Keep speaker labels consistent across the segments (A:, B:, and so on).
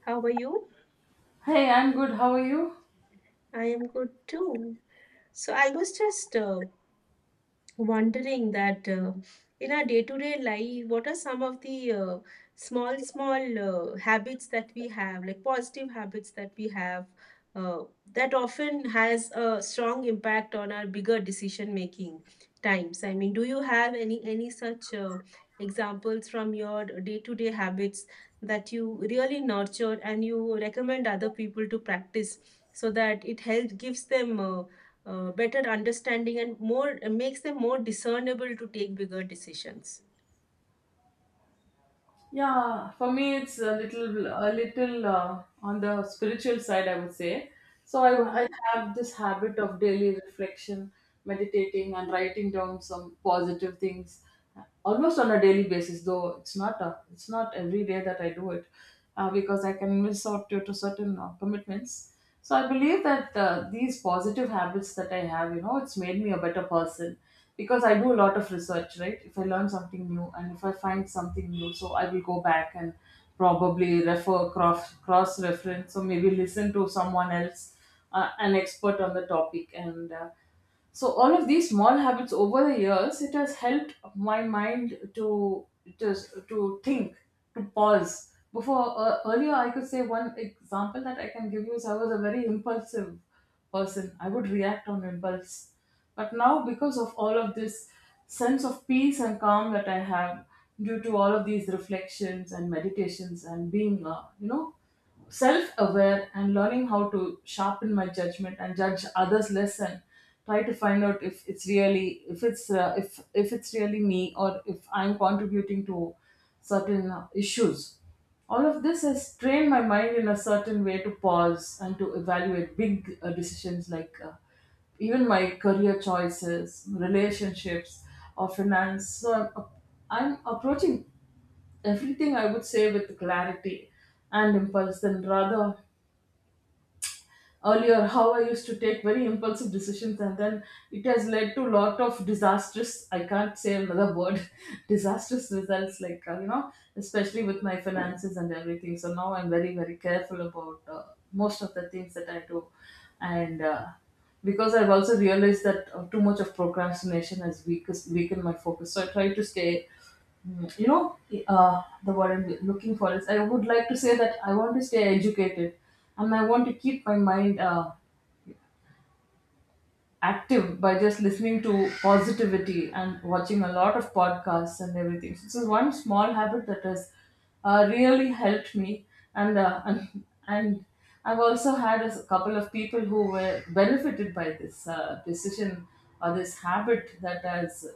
A: How are you?
B: Hey, I'm good. How are you?
A: I am good too. So I was just wondering that in our day-to-day life, what are some of the small, small habits that we have, like positive habits that we have, uh, that often has a strong impact on our bigger decision-making times. I mean, do you have any such examples from your day-to-day habits that you really nurture and you recommend other people to practice so that it helps gives them better understanding and more makes them more discernible to take bigger decisions.
B: Yeah, for me it's a little on the spiritual side, I would say. So I have this habit of daily reflection, meditating, and writing down some positive things, almost on a daily basis. Though it's not every day that I do it, because I can miss out due to certain commitments. So I believe that these positive habits that I have, it's made me a better person because I do a lot of research, right? If I learn something new and if I find something new, so I will go back and probably refer cross reference. So maybe listen to someone else, an expert on the topic, and so all of these small habits over the years, it has helped my mind to just to think, to pause before. Earlier, I could say, one example that I can give you is, I was a very impulsive person. I would react on impulse. But now, because of all of this sense of peace and calm that I have, due to all of these reflections and meditations, and being self aware, and learning how to sharpen my judgment and judge others less, and try to find out if it's really me, or if I'm contributing to certain issues. All of this has trained my mind in a certain way to pause and to evaluate big decisions, like even my career choices, relationships, or finance. So I'm approaching everything, I would say, with clarity and impulse than rather earlier how I used to take very impulsive decisions. And then it has led to a lot of disastrous, I can't say another word, disastrous results, like especially with my finances and everything. So now I'm very careful about most of the things that I do. And because I've also realized that too much of procrastination has weakened my focus, so I try to stay. Mm, You know, the word I'm looking for is, I would like to say that I want to stay educated, and I want to keep my mind active by just listening to positivity and watching a lot of podcasts and everything. So this is one small habit that has really helped me. And, and I've also had a couple of people who were benefited by this decision or this habit that has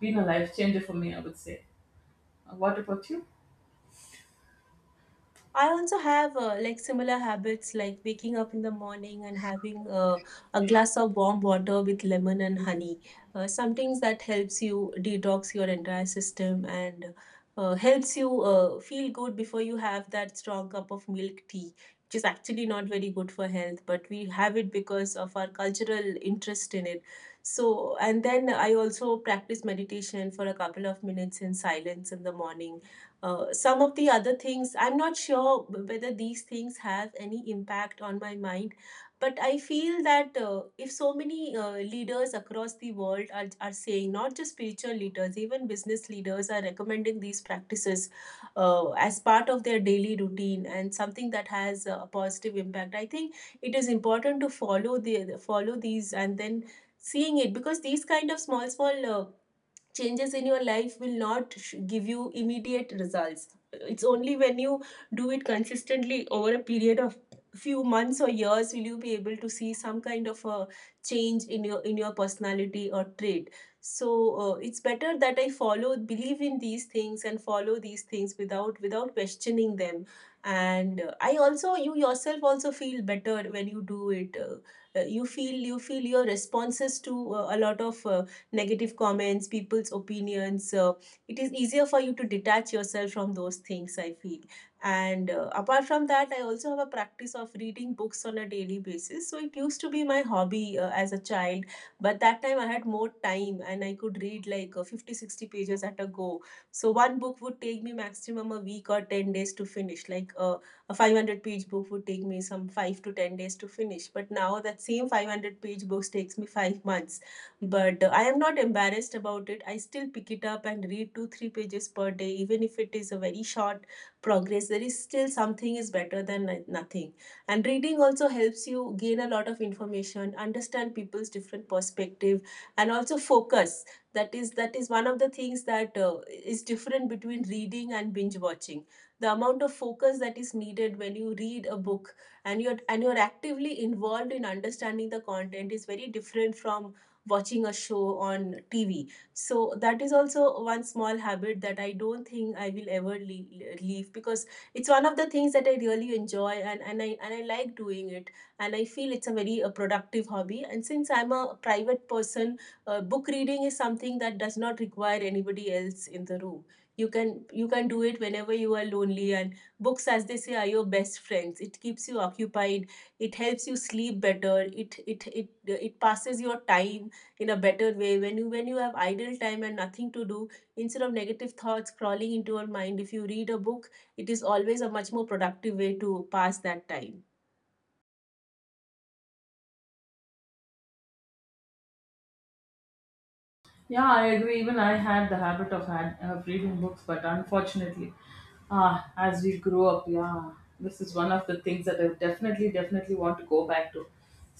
B: been a life changer for me, I would say. What about you?
A: I also have like similar habits like waking up in the morning and having a glass of warm water with lemon and honey. Some things that helps you detox your entire system and helps you feel good before you have that strong cup of milk tea, which is actually not very good for health, but we have it because of our cultural interest in it. So, and then I also practice meditation for a couple of minutes in silence in the morning. Some of the other things, I'm not sure whether these things have any impact on my mind, but I feel that if so many leaders across the world are saying, not just spiritual leaders, even business leaders are recommending these practices as part of their daily routine and something that has a positive impact, I think it is important to follow these and then seeing it, because these kind of small small changes in your life will not give you immediate results. It's only when you do it consistently over a period of few months or years will you be able to see some kind of a change in your personality or trait. So it's better that I follow believe in these things and follow these things without questioning them. And I also you yourself also feel better when you do it. You feel your responses to a lot of negative comments, people's opinions. It is easier for you to detach yourself from those things, I feel. And apart from that, I also have a practice of reading books on a daily basis. So it used to be my hobby as a child, but that time I had more time and I could read like 50 60 pages at a go. So one book would take me maximum a week or 10 days to finish. Like a 500-page book would take me some 5 to 10 days to finish. But now that same 500-page books takes me 5 months, but I am not embarrassed about it. I still pick it up and read 2 3 pages per day, even if it is a very short progress. There is still something is better than nothing. And reading also helps you gain a lot of information, understand people's different perspective, and also focus. That is one of the things that is different between reading and binge watching. The amount of focus that is needed when you read a book and you're actively involved in understanding the content is very different from watching a show on TV. So that is also one small habit that I don't think I will ever leave, because it's one of the things that I really enjoy, and I like doing it, and I feel it's a very productive hobby. And since I'm a private person, book reading is something that does not require anybody else in the room. You can do it whenever you are lonely, and books, as they say, are your best friends. It keeps you occupied, it helps you sleep better, it passes your time in a better way when you have idle time and nothing to do. Instead of negative thoughts crawling into your mind, if you read a book, it is always a much more productive way to pass that time.
B: Yeah, I agree. Even I had the habit of reading books, but unfortunately, as we grow up, yeah, this is one of the things that I definitely want to go back to.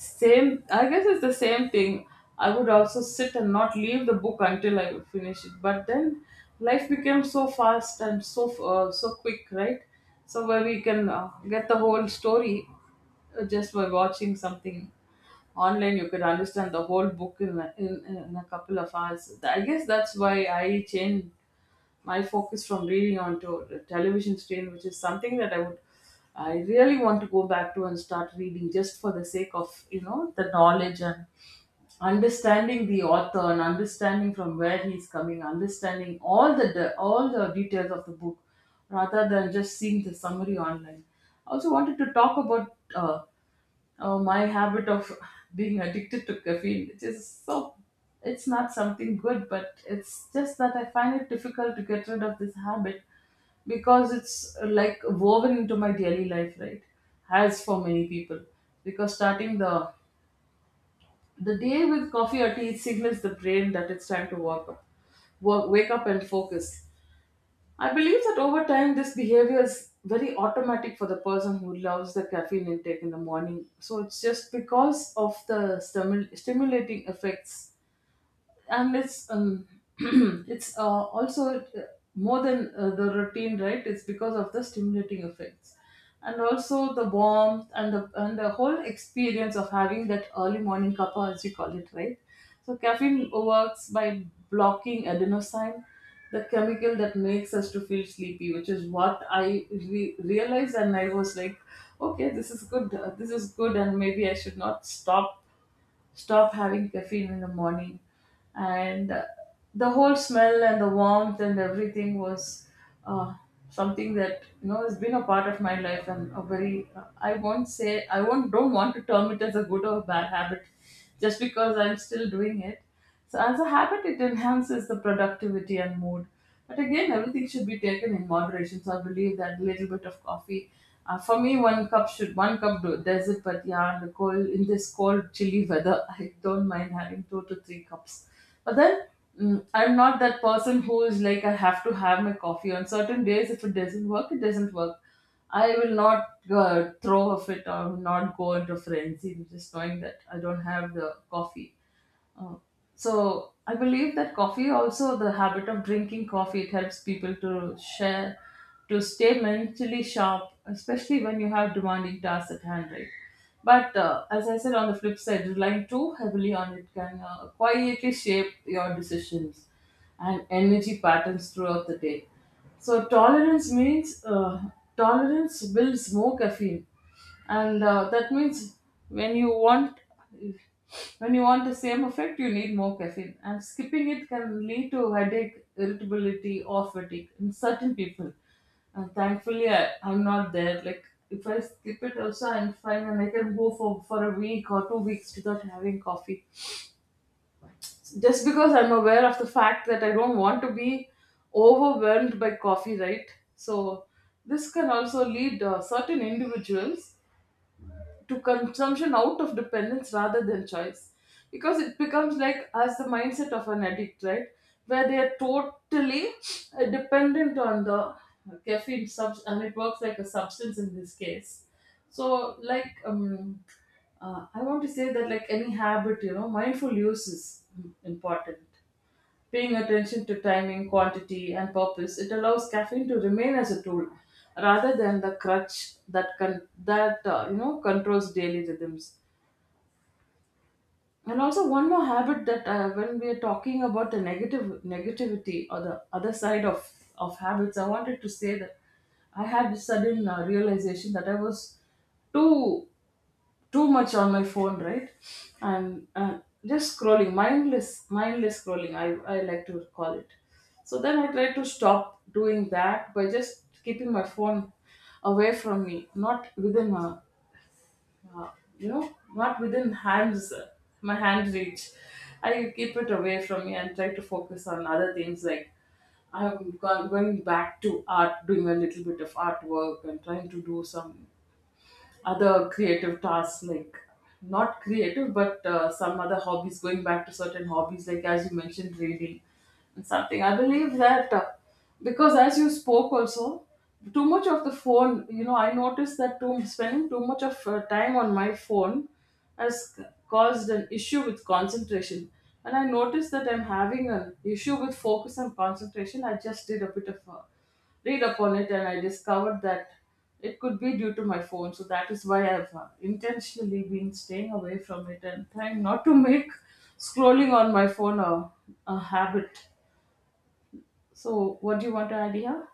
B: Same, I guess it's the same thing. I would also sit and not leave the book until I would finish it. But then, life became so fast and so quick, right? So where we can get the whole story, just by watching something online, you could understand the whole book in a couple of hours. I guess that's why I changed my focus from reading onto the television screen, which is something that I really want to go back to, and start reading just for the sake of the knowledge, and understanding the author, and understanding from where he's coming, understanding all the all the details of the book rather than just seeing the summary online. I also wanted to talk about Oh, my habit of being addicted to caffeine, which is, so, it's not something good, but it's just that I find it difficult to get rid of this habit because it's like woven into my daily life, right? As for many people, because starting the day with coffee or tea, it signals the brain that it's time to wake up and focus. I believe that over time, this behavior is very automatic for the person who loves the caffeine intake in the morning. So it's just because of the stimulating effects, and it's it's also more than the routine, right? It's because of the stimulating effects, and also the warmth, and the whole experience of having that early morning cuppa, as we call it, right? So caffeine works by blocking adenosine, the chemical that makes us to feel sleepy, which is what I realized. And I was like, okay, this is good, and maybe I should not stop having caffeine in the morning. And the whole smell and the warmth and everything was uh, something that has been a part of my life, and a very I won't say I won't don't want to term it as a good or a bad habit, just because I'm still doing it. So, as a habit, it enhances the productivity and mood. But again, everything should be taken in moderation. So, I believe that little bit of coffee, for me, one cup do does it. But yeah, in this cold, chilly weather, I don't mind having two to three cups. But then, I'm not that person who is like, I have to have my coffee on certain days. If it doesn't work, it doesn't work. I will not throw off it or not go into frenzy, just knowing that I don't have the coffee. Oh. So I believe that coffee, also the habit of drinking coffee, it helps people to stay mentally sharp, especially when you have demanding tasks at hand, right? But as I said, on the flip side, relying too heavily on it can quietly shape your decisions and energy patterns throughout the day. So, tolerance builds more caffeine, and that means, when you want the same effect, you need more caffeine. And skipping it can lead to headache, irritability, or fatigue in certain people. And thankfully, I'm not there. Like, if I skip it also, I'm fine, and I can go for a week or 2 weeks without having coffee, just because I'm aware of the fact that I don't want to be overwhelmed by coffee, right? So this can also lead certain individuals to consumption out of dependence rather than choice, because it becomes like, as the mindset of an addict, right? Where they are totally dependent on the caffeine subs, and it works like a substance in this case. So, like, I want to say that, like, any habit, mindful use is important. Paying attention to timing, quantity, and purpose, it allows caffeine to remain as a tool rather than the crutch that controls daily rhythms. And also one more habit that, when we are talking about the negative negativity, or the other side of habits, I wanted to say that I had this sudden realization that I was too too much on my phone, right? And just scrolling, mindless scrolling, I like to call it. So then, I try to stop doing that by just keeping my phone away from me, not within a, uh, you know not within hands my hand reach. I keep it away from me and try to focus on other things, like, I'm going back to art, doing a little bit of artwork, and trying to do some other creative tasks, like, not creative, but some other hobbies. Going back to certain hobbies, like as you mentioned, reading. And something, I believe that, because as you spoke also, too much of the phone, I noticed that too. Spending too much of time on my phone has caused an issue with concentration. And I noticed that I'm having an issue with focus and concentration. I just did a bit of read upon it, and I discovered that it could be due to my phone. So that is why I've intentionally been staying away from it and trying not to make scrolling on my phone a habit. So, what do you want to add here?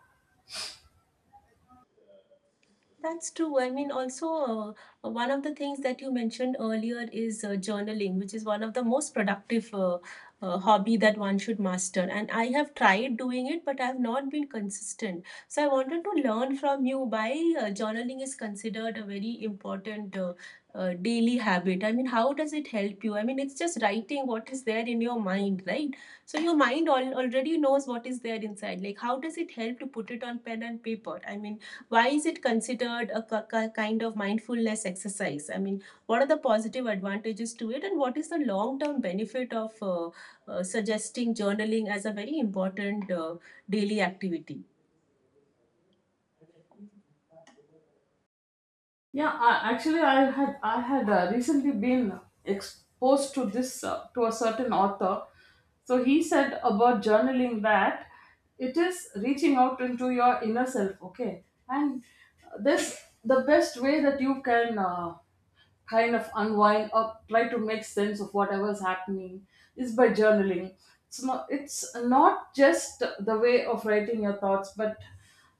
A: That's true. I mean, also, one of the things that you mentioned earlier is journaling, which is one of the most productive hobby that one should master. And I have tried doing it, but I have not been consistent. So I wanted to learn from you why journaling is considered a very important daily habit. I mean, how does it help you? I mean, it's just writing what is there in your mind, right? So your mind al already knows what is there inside. Like, how does it help to put it on pen and paper? I mean, why is it considered a kind of mindfulness exercise? I mean, what are the positive advantages to it, and what is the long term benefit of suggesting journaling as a very important daily activity?
B: Yeah, actually, I had recently been exposed to this to a certain author. So he said about journaling that it is reaching out into your inner self. Okay, and this, the best way that you can. Kind of unwind or try to make sense of whatever's happening is by journaling. It's not just the way of writing your thoughts, but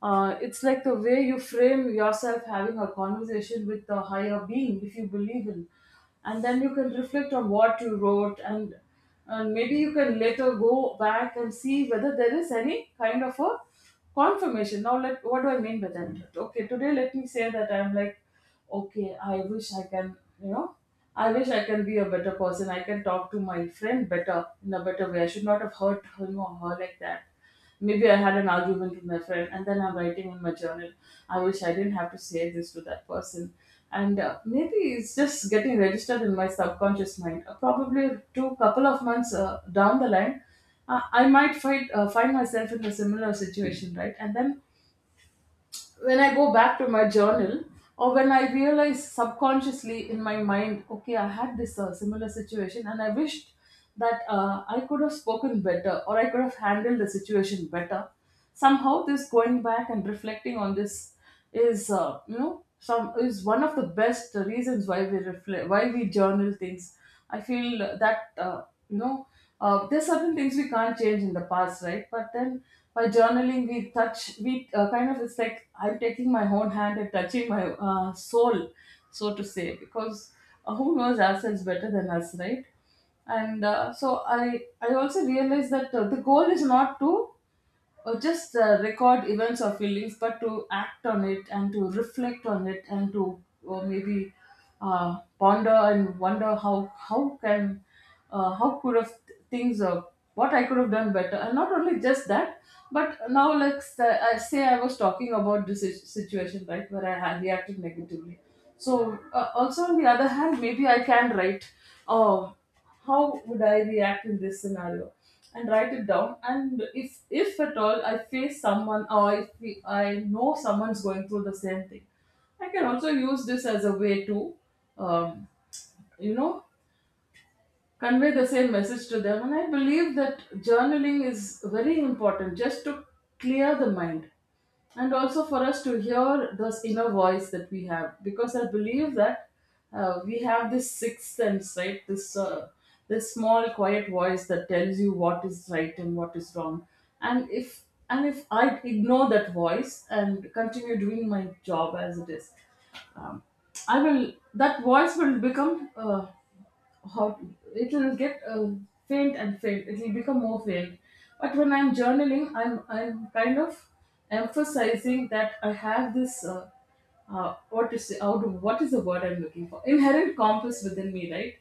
B: it's like the way you frame yourself having a conversation with the higher being, if you believe in. And then you can reflect on what you wrote, and maybe you can later go back and see whether there is any kind of a confirmation. Now, what do I mean by that? Okay, today let me say that I'm like, okay you know I wish I can be a better person. I can talk to my friend better in a better way. I should not have hurt her, him or her like that. Maybe I had an argument with my friend, and then I'm writing in my journal. I wish I didn't have to say this to that person. And maybe it's just getting registered in my subconscious mind, probably two couple of months, down the line, I might find myself in a similar situation, right? And then when I go back to my journal, or when I realize subconsciously in my mind, okay, I had this similar situation, and I wished that I could have spoken better, or I could have handled the situation better. Somehow, this going back and reflecting on this is you know some is one of the best reasons why we reflect, why we journal things, I feel, that, you know there's certain things we can't change in the past, right? But then, by journaling, we touch we kind of, it's like I'm taking my own hand and touching my soul, so to say, because who knows ourselves better than us, right? And so, i I also realized that the goal is not to, or just record events or feelings, but to act on it and to reflect on it and to, or maybe ponder and wonder how can how could have things what I could have done better, and not only just that, but now let's I say I was talking about this situation, right, where I had reacted negatively. So, also on the other hand, maybe I can write, oh, how would I react in this scenario? And write it down, and if at all I face someone, or if we, I know someone's going through the same thing, I can also use this as a way to um, you know convey the same message to them. And I believe that journaling is very important, just to clear the mind, and also for us to hear this inner voice that we have, because I believe that we have this sixth sense, right? This small, quiet voice that tells you what is right and what is wrong. And if and if I ignore that voice and continue doing my job as it is, um, I will that voice will become hot. It will get faint and faint, it will become more faint. But when I'm journaling, I'm kind of emphasizing that I have this, what to say, out of, what is the word I'm looking for, inherent compass within me, right?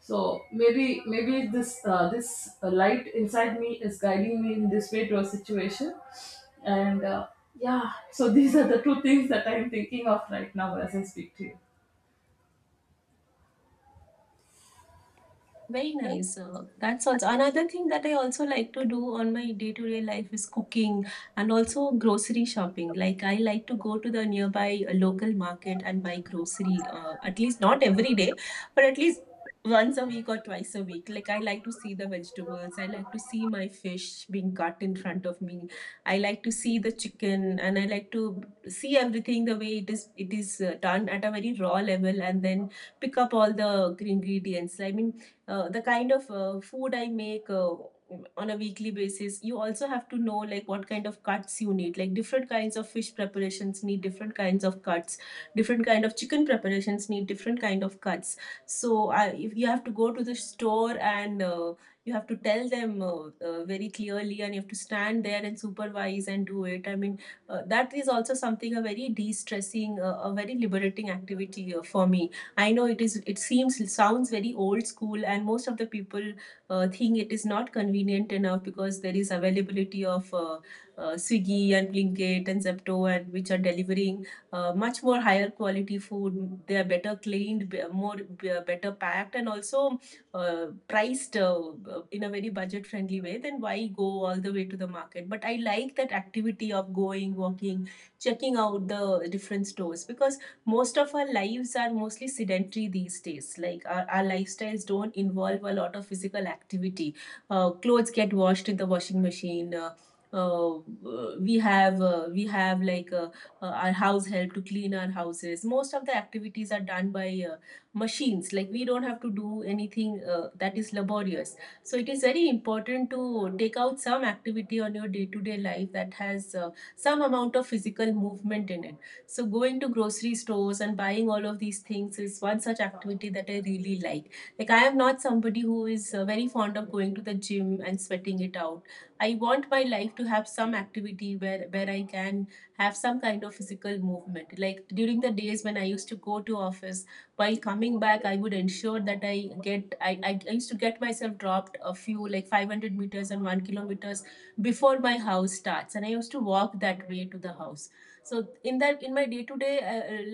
B: So maybe this light inside me is guiding me in this way to a situation. And yeah, so these are the two things that I'm thinking of right now as I speak to you.
A: Very nice. That sounds. Another thing that I also like to do on my day-to-day life is cooking and also grocery shopping. Like I like to go to the nearby local market and buy grocery. At least not every day, but at least once a week or twice a week. Like I like to see the vegetables. I like to see my fish being cut in front of me. I like to see the chicken, and I like to see everything the way it is. It is done at a very raw level, and then pick up all the ingredients. I mean, the kind of food I make on a weekly basis, you also have to know like what kind of cuts you need. Like different kinds of fish preparations need different kinds of cuts. Different kind of chicken preparations need different kind of cuts. So if you have to go to the store and you have to tell them very clearly, and you have to stand there and supervise and do it. I mean, that is also something a very de-stressing, a very liberating activity for me. I know it is. It sounds very old school, and most of the people think it is not convenient enough because there is availability of Swiggy and Blinkit and Zepto, and which are delivering much more higher quality food. They are better cleaned, more better packed, and also priced in a very budget friendly way. Then why go all the way to the market? But I like that activity of going, walking, checking out the different stores, because most of our lives are mostly sedentary these days. Like our lifestyles don't involve a lot of physical activity. Clothes get washed in the washing machine. Uh, we have like our house help to clean our houses. Most of the activities are done by machines. Like we don't have to do anything that is laborious. So it is very important to take out some activity on your day to day life that has some amount of physical movement in it. So going to grocery stores and buying all of these things is one such activity that I really like. Like I am not somebody who is very fond of going to the gym and sweating it out. I want my life to have some activity where I can have some kind of physical movement. Like during the days when I used to go to office, while coming back, I would ensure that I used to get myself dropped a few, like 500 meters and 1 kilometers before my house starts, and I used to walk that way to the house. So in my day to day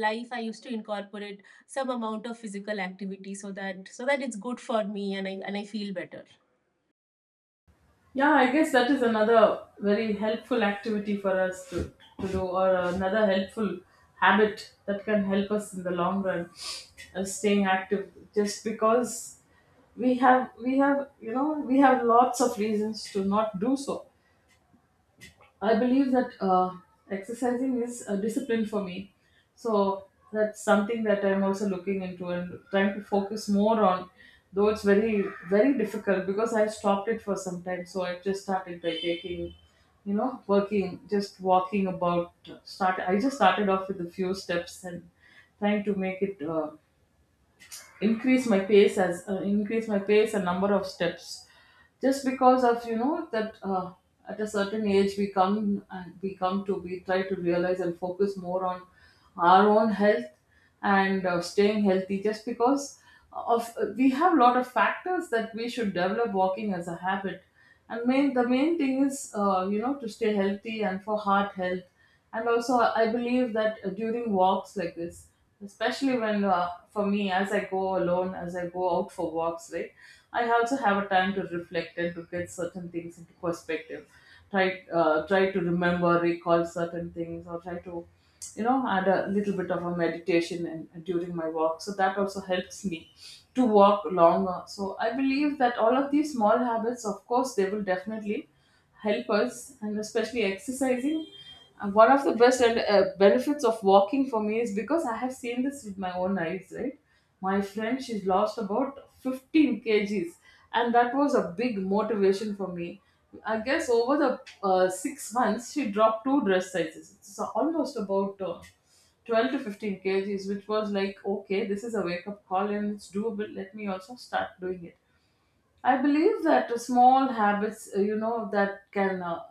A: life I used to incorporate some amount of physical activity, so that it's good for me, and I feel better.
B: Yeah, I guess that is another very helpful activity for us to do, or another helpful habit that can help us in the long run of staying active. Just because we have lots of reasons to not do so. I believe that exercising is a discipline for me. So that's something that I'm also looking into and trying to focus more on. Though it's very, very difficult because I stopped it for some time. So I just started by taking, just walking about. Start. I just started off with a few steps, and trying to make it, increase my pace, as increase my pace and number of steps, just because of, you know, that, at a certain age we come and we come to we try to realize and focus more on our own health, and staying healthy. Just because of, we have a lot of factors that we should develop walking as a habit. And main the main thing is, you know, to stay healthy and for heart health. And also, I believe that, during walks like this, especially when, for me, as I go out for walks, right, I also have a time to reflect and to get certain things into perspective, try try to remember, recall certain things, or try to, you know, add a little bit of a meditation, and during my walk, so that also helps me to walk longer. So I believe that all of these small habits, of course, they will definitely help us, and especially exercising. And one of the best benefits of walking for me is because I have seen this with my own eyes, right? My friend, she's lost about 15 kgs, and that was a big motivation for me. I guess over the, 6 months, she dropped two dress sizes. It's almost about, 12 to 15 kgs, which was like, okay, this is a wake up call and it's doable. Let me also start doing it. I believe that small habits, you know, that can,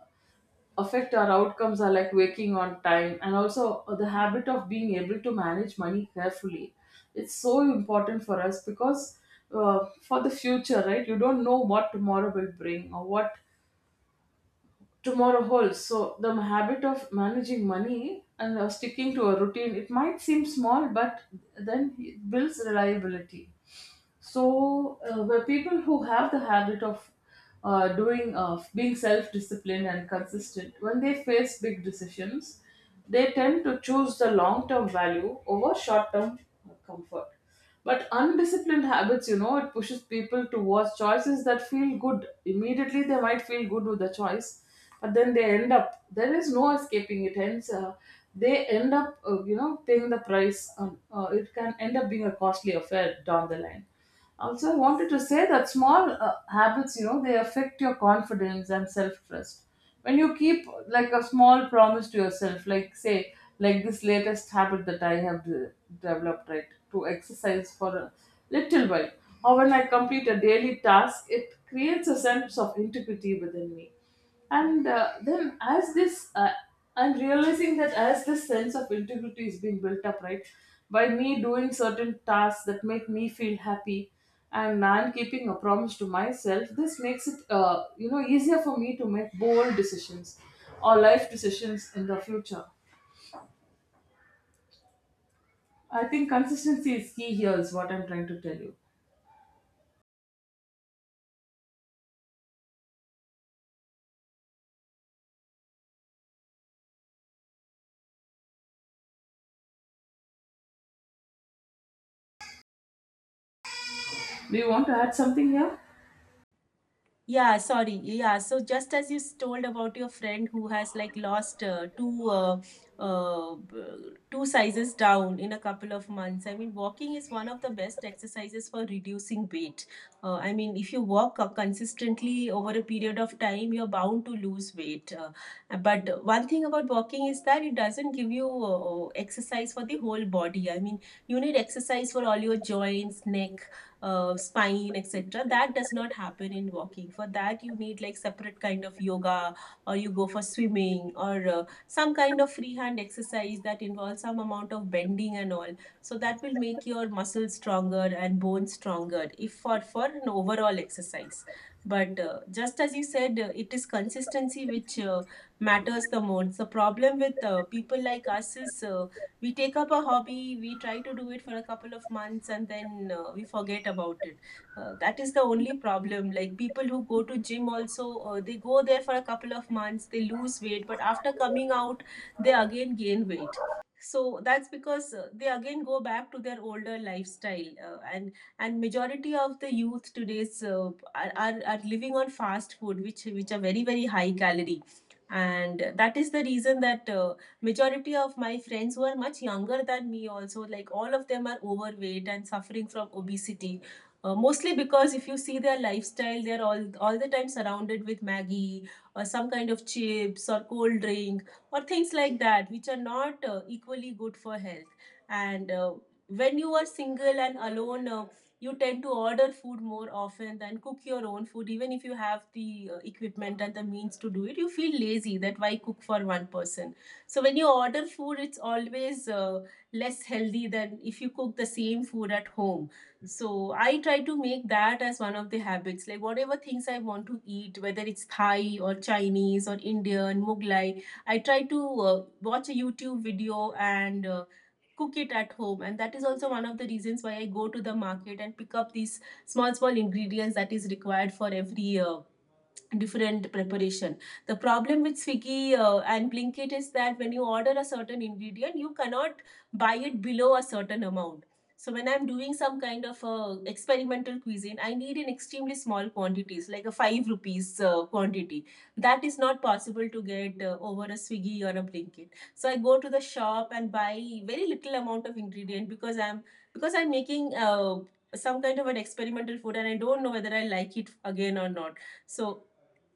B: affect our outcomes are like waking on time and also, the habit of being able to manage money carefully. It's so important for us, because for the future, right? You don't know what tomorrow will bring, or what tomorrow holds. So the habit of managing money and, sticking to a routine, it might seem small, but then it builds reliability. So, where people who have the habit of, doing being self-disciplined and consistent, when they face big decisions, they tend to choose the long-term value over short-term comfort. But undisciplined habits, it pushes people towards choices that feel good. Immediately, they might feel good with the choice, but then they end up, there is no escaping, it ends, they end up, you know, paying the price, it can end up being a costly affair down the line. Also, I wanted to say that small, habits, you know, they affect your confidence and self-trust. When you keep like a small promise to yourself, like say, like this latest habit that I have developed, right, to exercise for a little while, or when I complete a daily task, it creates a sense of integrity within me. And then, as this, I'm realizing that as this sense of integrity is being built up, right, by me doing certain tasks that make me feel happy, and I'm keeping a promise to myself, this makes it, you know, easier for me to make bold decisions or life decisions in the future. I think consistency is key here, is what I'm trying to tell you. Do you want to add something here?
A: Yeah, sorry. Yeah, so just as you told about your friend who has like lost uh, b- two sizes down in a couple of months. I mean, walking is one of the best exercises for reducing weight. I mean, if you walk consistently over a period of time, you're bound to lose weight. But one thing about walking is that it doesn't give you exercise for the whole body. I mean, you need exercise for all your joints, neck, spine, etc. That does not happen in walking. For that you need like separate kind of yoga, or you go for swimming or some kind of freehand exercise that involves some amount of bending and all, so that will make your muscles stronger and bones stronger if for an overall exercise. But just as you said, it is consistency which matters the most. The problem with people like us is we take up a hobby, we try to do it for a couple of months, and then we forget about it. That is the only problem. Like people who go to gym also, they go there for a couple of months, they lose weight, but after coming out, they again gain weight. So that's because they again go back to their older lifestyle, and majority of the youth today's are living on fast food, which are very very high calorie, and that is the reason that majority of my friends who are much younger than me also, like all of them are overweight and suffering from obesity, mostly because if you see their lifestyle, they're all the time surrounded with maggie or some kind of chips or cold drink or things like that, which are not equally good for health. And when you are single and alone, you tend to order food more often than cook your own food, even if you have the equipment and the means to do it. You feel lazy that why cook for one person. So when you order food, it's always less healthy than if you cook the same food at home. So I try to make that as one of the habits. Like whatever things I want to eat, whether it's Thai or Chinese or Indian, Mughlai, I try to watch a YouTube video and cook it at home. And that is also one of the reasons why I go to the market and pick up these small, small ingredients that is required for every different preparation. The problem with Swiggy and Blinkit is that when you order a certain ingredient, you cannot buy it below a certain amount. So when I'm doing some kind of experimental cuisine, I need in extremely small quantities, like a five rupees quantity. That is not possible to get over a Swiggy or a Blinkit. So I go to the shop and buy very little amount of ingredient because I'm making some kind of an experimental food, and I don't know whether I like it again or not. So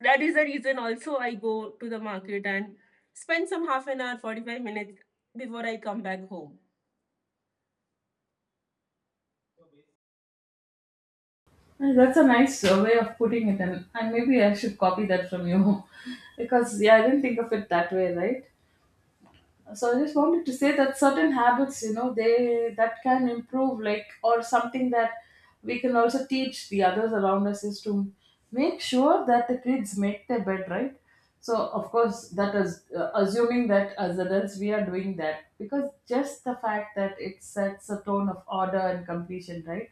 A: that is the reason also I go to the market and spend some half an hour, 45 minutes before I come back home.
B: That's a nice, way of putting it, and maybe I should copy that from you because, yeah, I didn't think of it that way, right? So I just wanted to say that certain habits, you know, they that can improve, like, or something that we can also teach the others around us is to make sure that the kids make their bed, right? So, of course, that is, assuming that as adults we are doing that, because just the fact that it sets a tone of order and completion, right?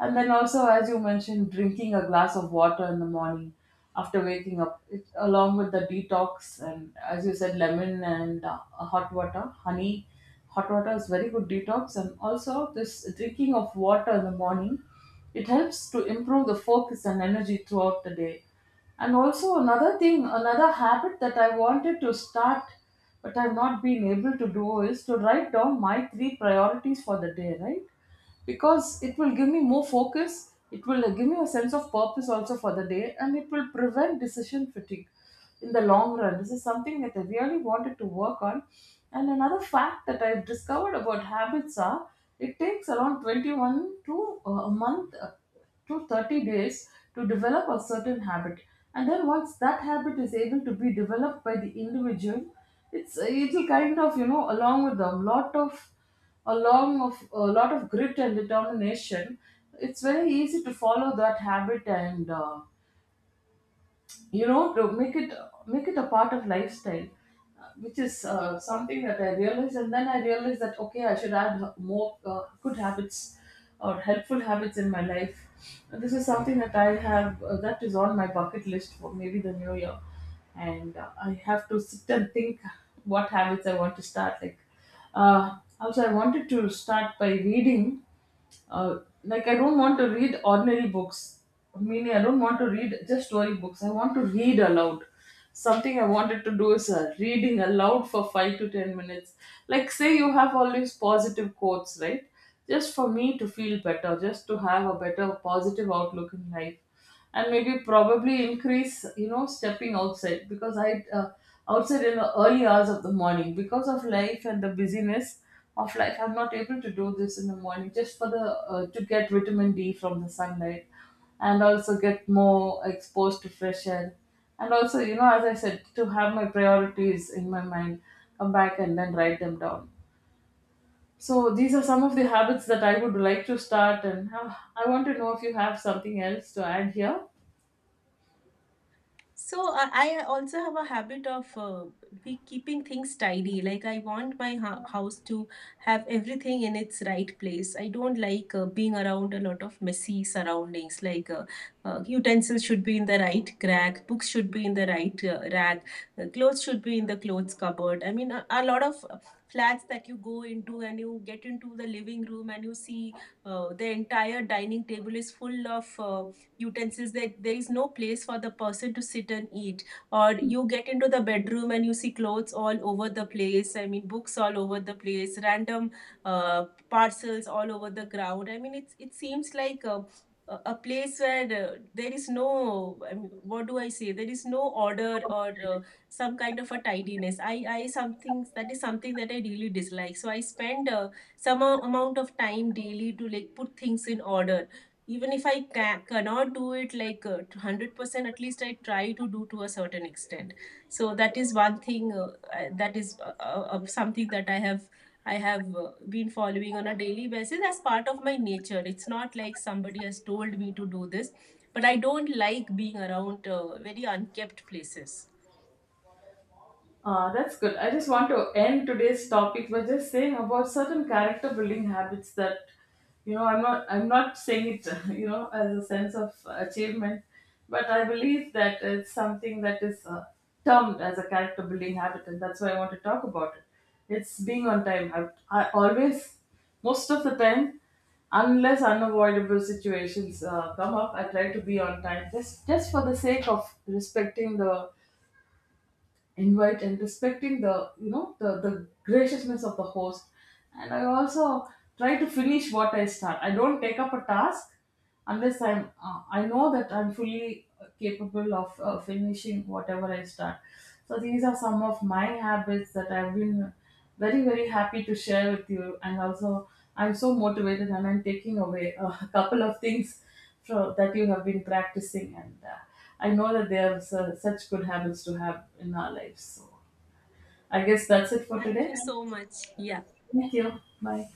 B: And then also, as you mentioned, drinking a glass of water in the morning after waking up, it, along with the detox, and as you said, lemon and, hot water, honey, hot water is very good detox. And also, this drinking of water in the morning, it helps to improve the focus and energy throughout the day. And also another thing, another habit that I wanted to start but I've not been able to do is to write down my three priorities for the day, right? Because it will give me more focus, it will give me a sense of purpose also for the day, and it will prevent decision fatigue in the long run. This is something that I really wanted to work on. And another fact that I've discovered about habits are, it takes around 21 to, a month, to 30 days, to develop a certain habit. And then, once that habit is able to be developed by the individual, it'll kind of, you know, along of a lot of grit and determination, it's very easy to follow that habit. And, you know, to make it a part of lifestyle, which is, something that I realized. And then I realized that, okay, I should add more, good habits or helpful habits in my life. And this is something that I have, that is on my bucket list for maybe the new year. And, I have to sit and think what habits I want to start, like, also, I wanted to start by reading. Like, I don't want to read ordinary books, meaning, I don't want to read just story books. I want to read aloud. Something I wanted to do is, reading aloud for 5 to 10 minutes. Like, say you have all these positive quotes, right? Just for me to feel better, just to have a better positive outlook in life, and maybe probably increase, you know, stepping outside because I, outside in the early hours of the morning because of life and the busyness of life. I'm not able to do this in the morning, just for the, to get vitamin D from the sunlight, and also get more exposed to fresh air. And also, you know, as I said, to have my priorities in my mind, come back and then write them down. So these are some of the habits that I would like to start, and, I want to know if you have something else to add here.
A: So I also have a habit of be keeping things tidy. Like I want my house to have everything in its right place. I don't like being around a lot of messy surroundings. Like, utensils should be in the right rack, books should be in the right rack, clothes should be in the clothes cupboard. I mean, a lot of flats that you go into, and you get into the living room and you see the entire dining table is full of, utensils, that there is no place for the person to sit and eat. Or you get into the bedroom and you see clothes all over the place, I mean books all over the place, random uh, parcels all over the ground. I mean, it's, it seems like a place where there is no, I mean, what do I say, there is no order or some kind of a tidiness. I something that is something that I really dislike. So I spend some amount of time daily to like put things in order, even if I cannot do it like 100%, at least I try to do to a certain extent. So that is one thing, that is something that I have been following on a daily basis as part of my nature. It's not like somebody has told me to do this, but I don't like being around very unkept places.
B: That's good. I just want to end today's topic by just saying about certain character building habits that, you know, I'm not saying it, you know, as a sense of achievement, but I believe that it's something that is, termed as a character building habit, and that's why I want to talk about it. It's being on time. I always, most of the time, unless unavoidable situations, come up, I try to be on time, just for the sake of respecting the invite, and respecting the graciousness of the host. And I also try to finish what I start. I don't take up a task unless I know that I'm fully capable of, finishing whatever I start. So these are some of my habits that I've been very, very happy to share with you, and also, I'm so motivated, and I'm taking away a couple of things so that you have been practicing, and, I know that they are such good habits to have in our lives. So I guess that's it for
A: Thank
B: today.
A: you so much. Yeah.
B: Thank you. Bye.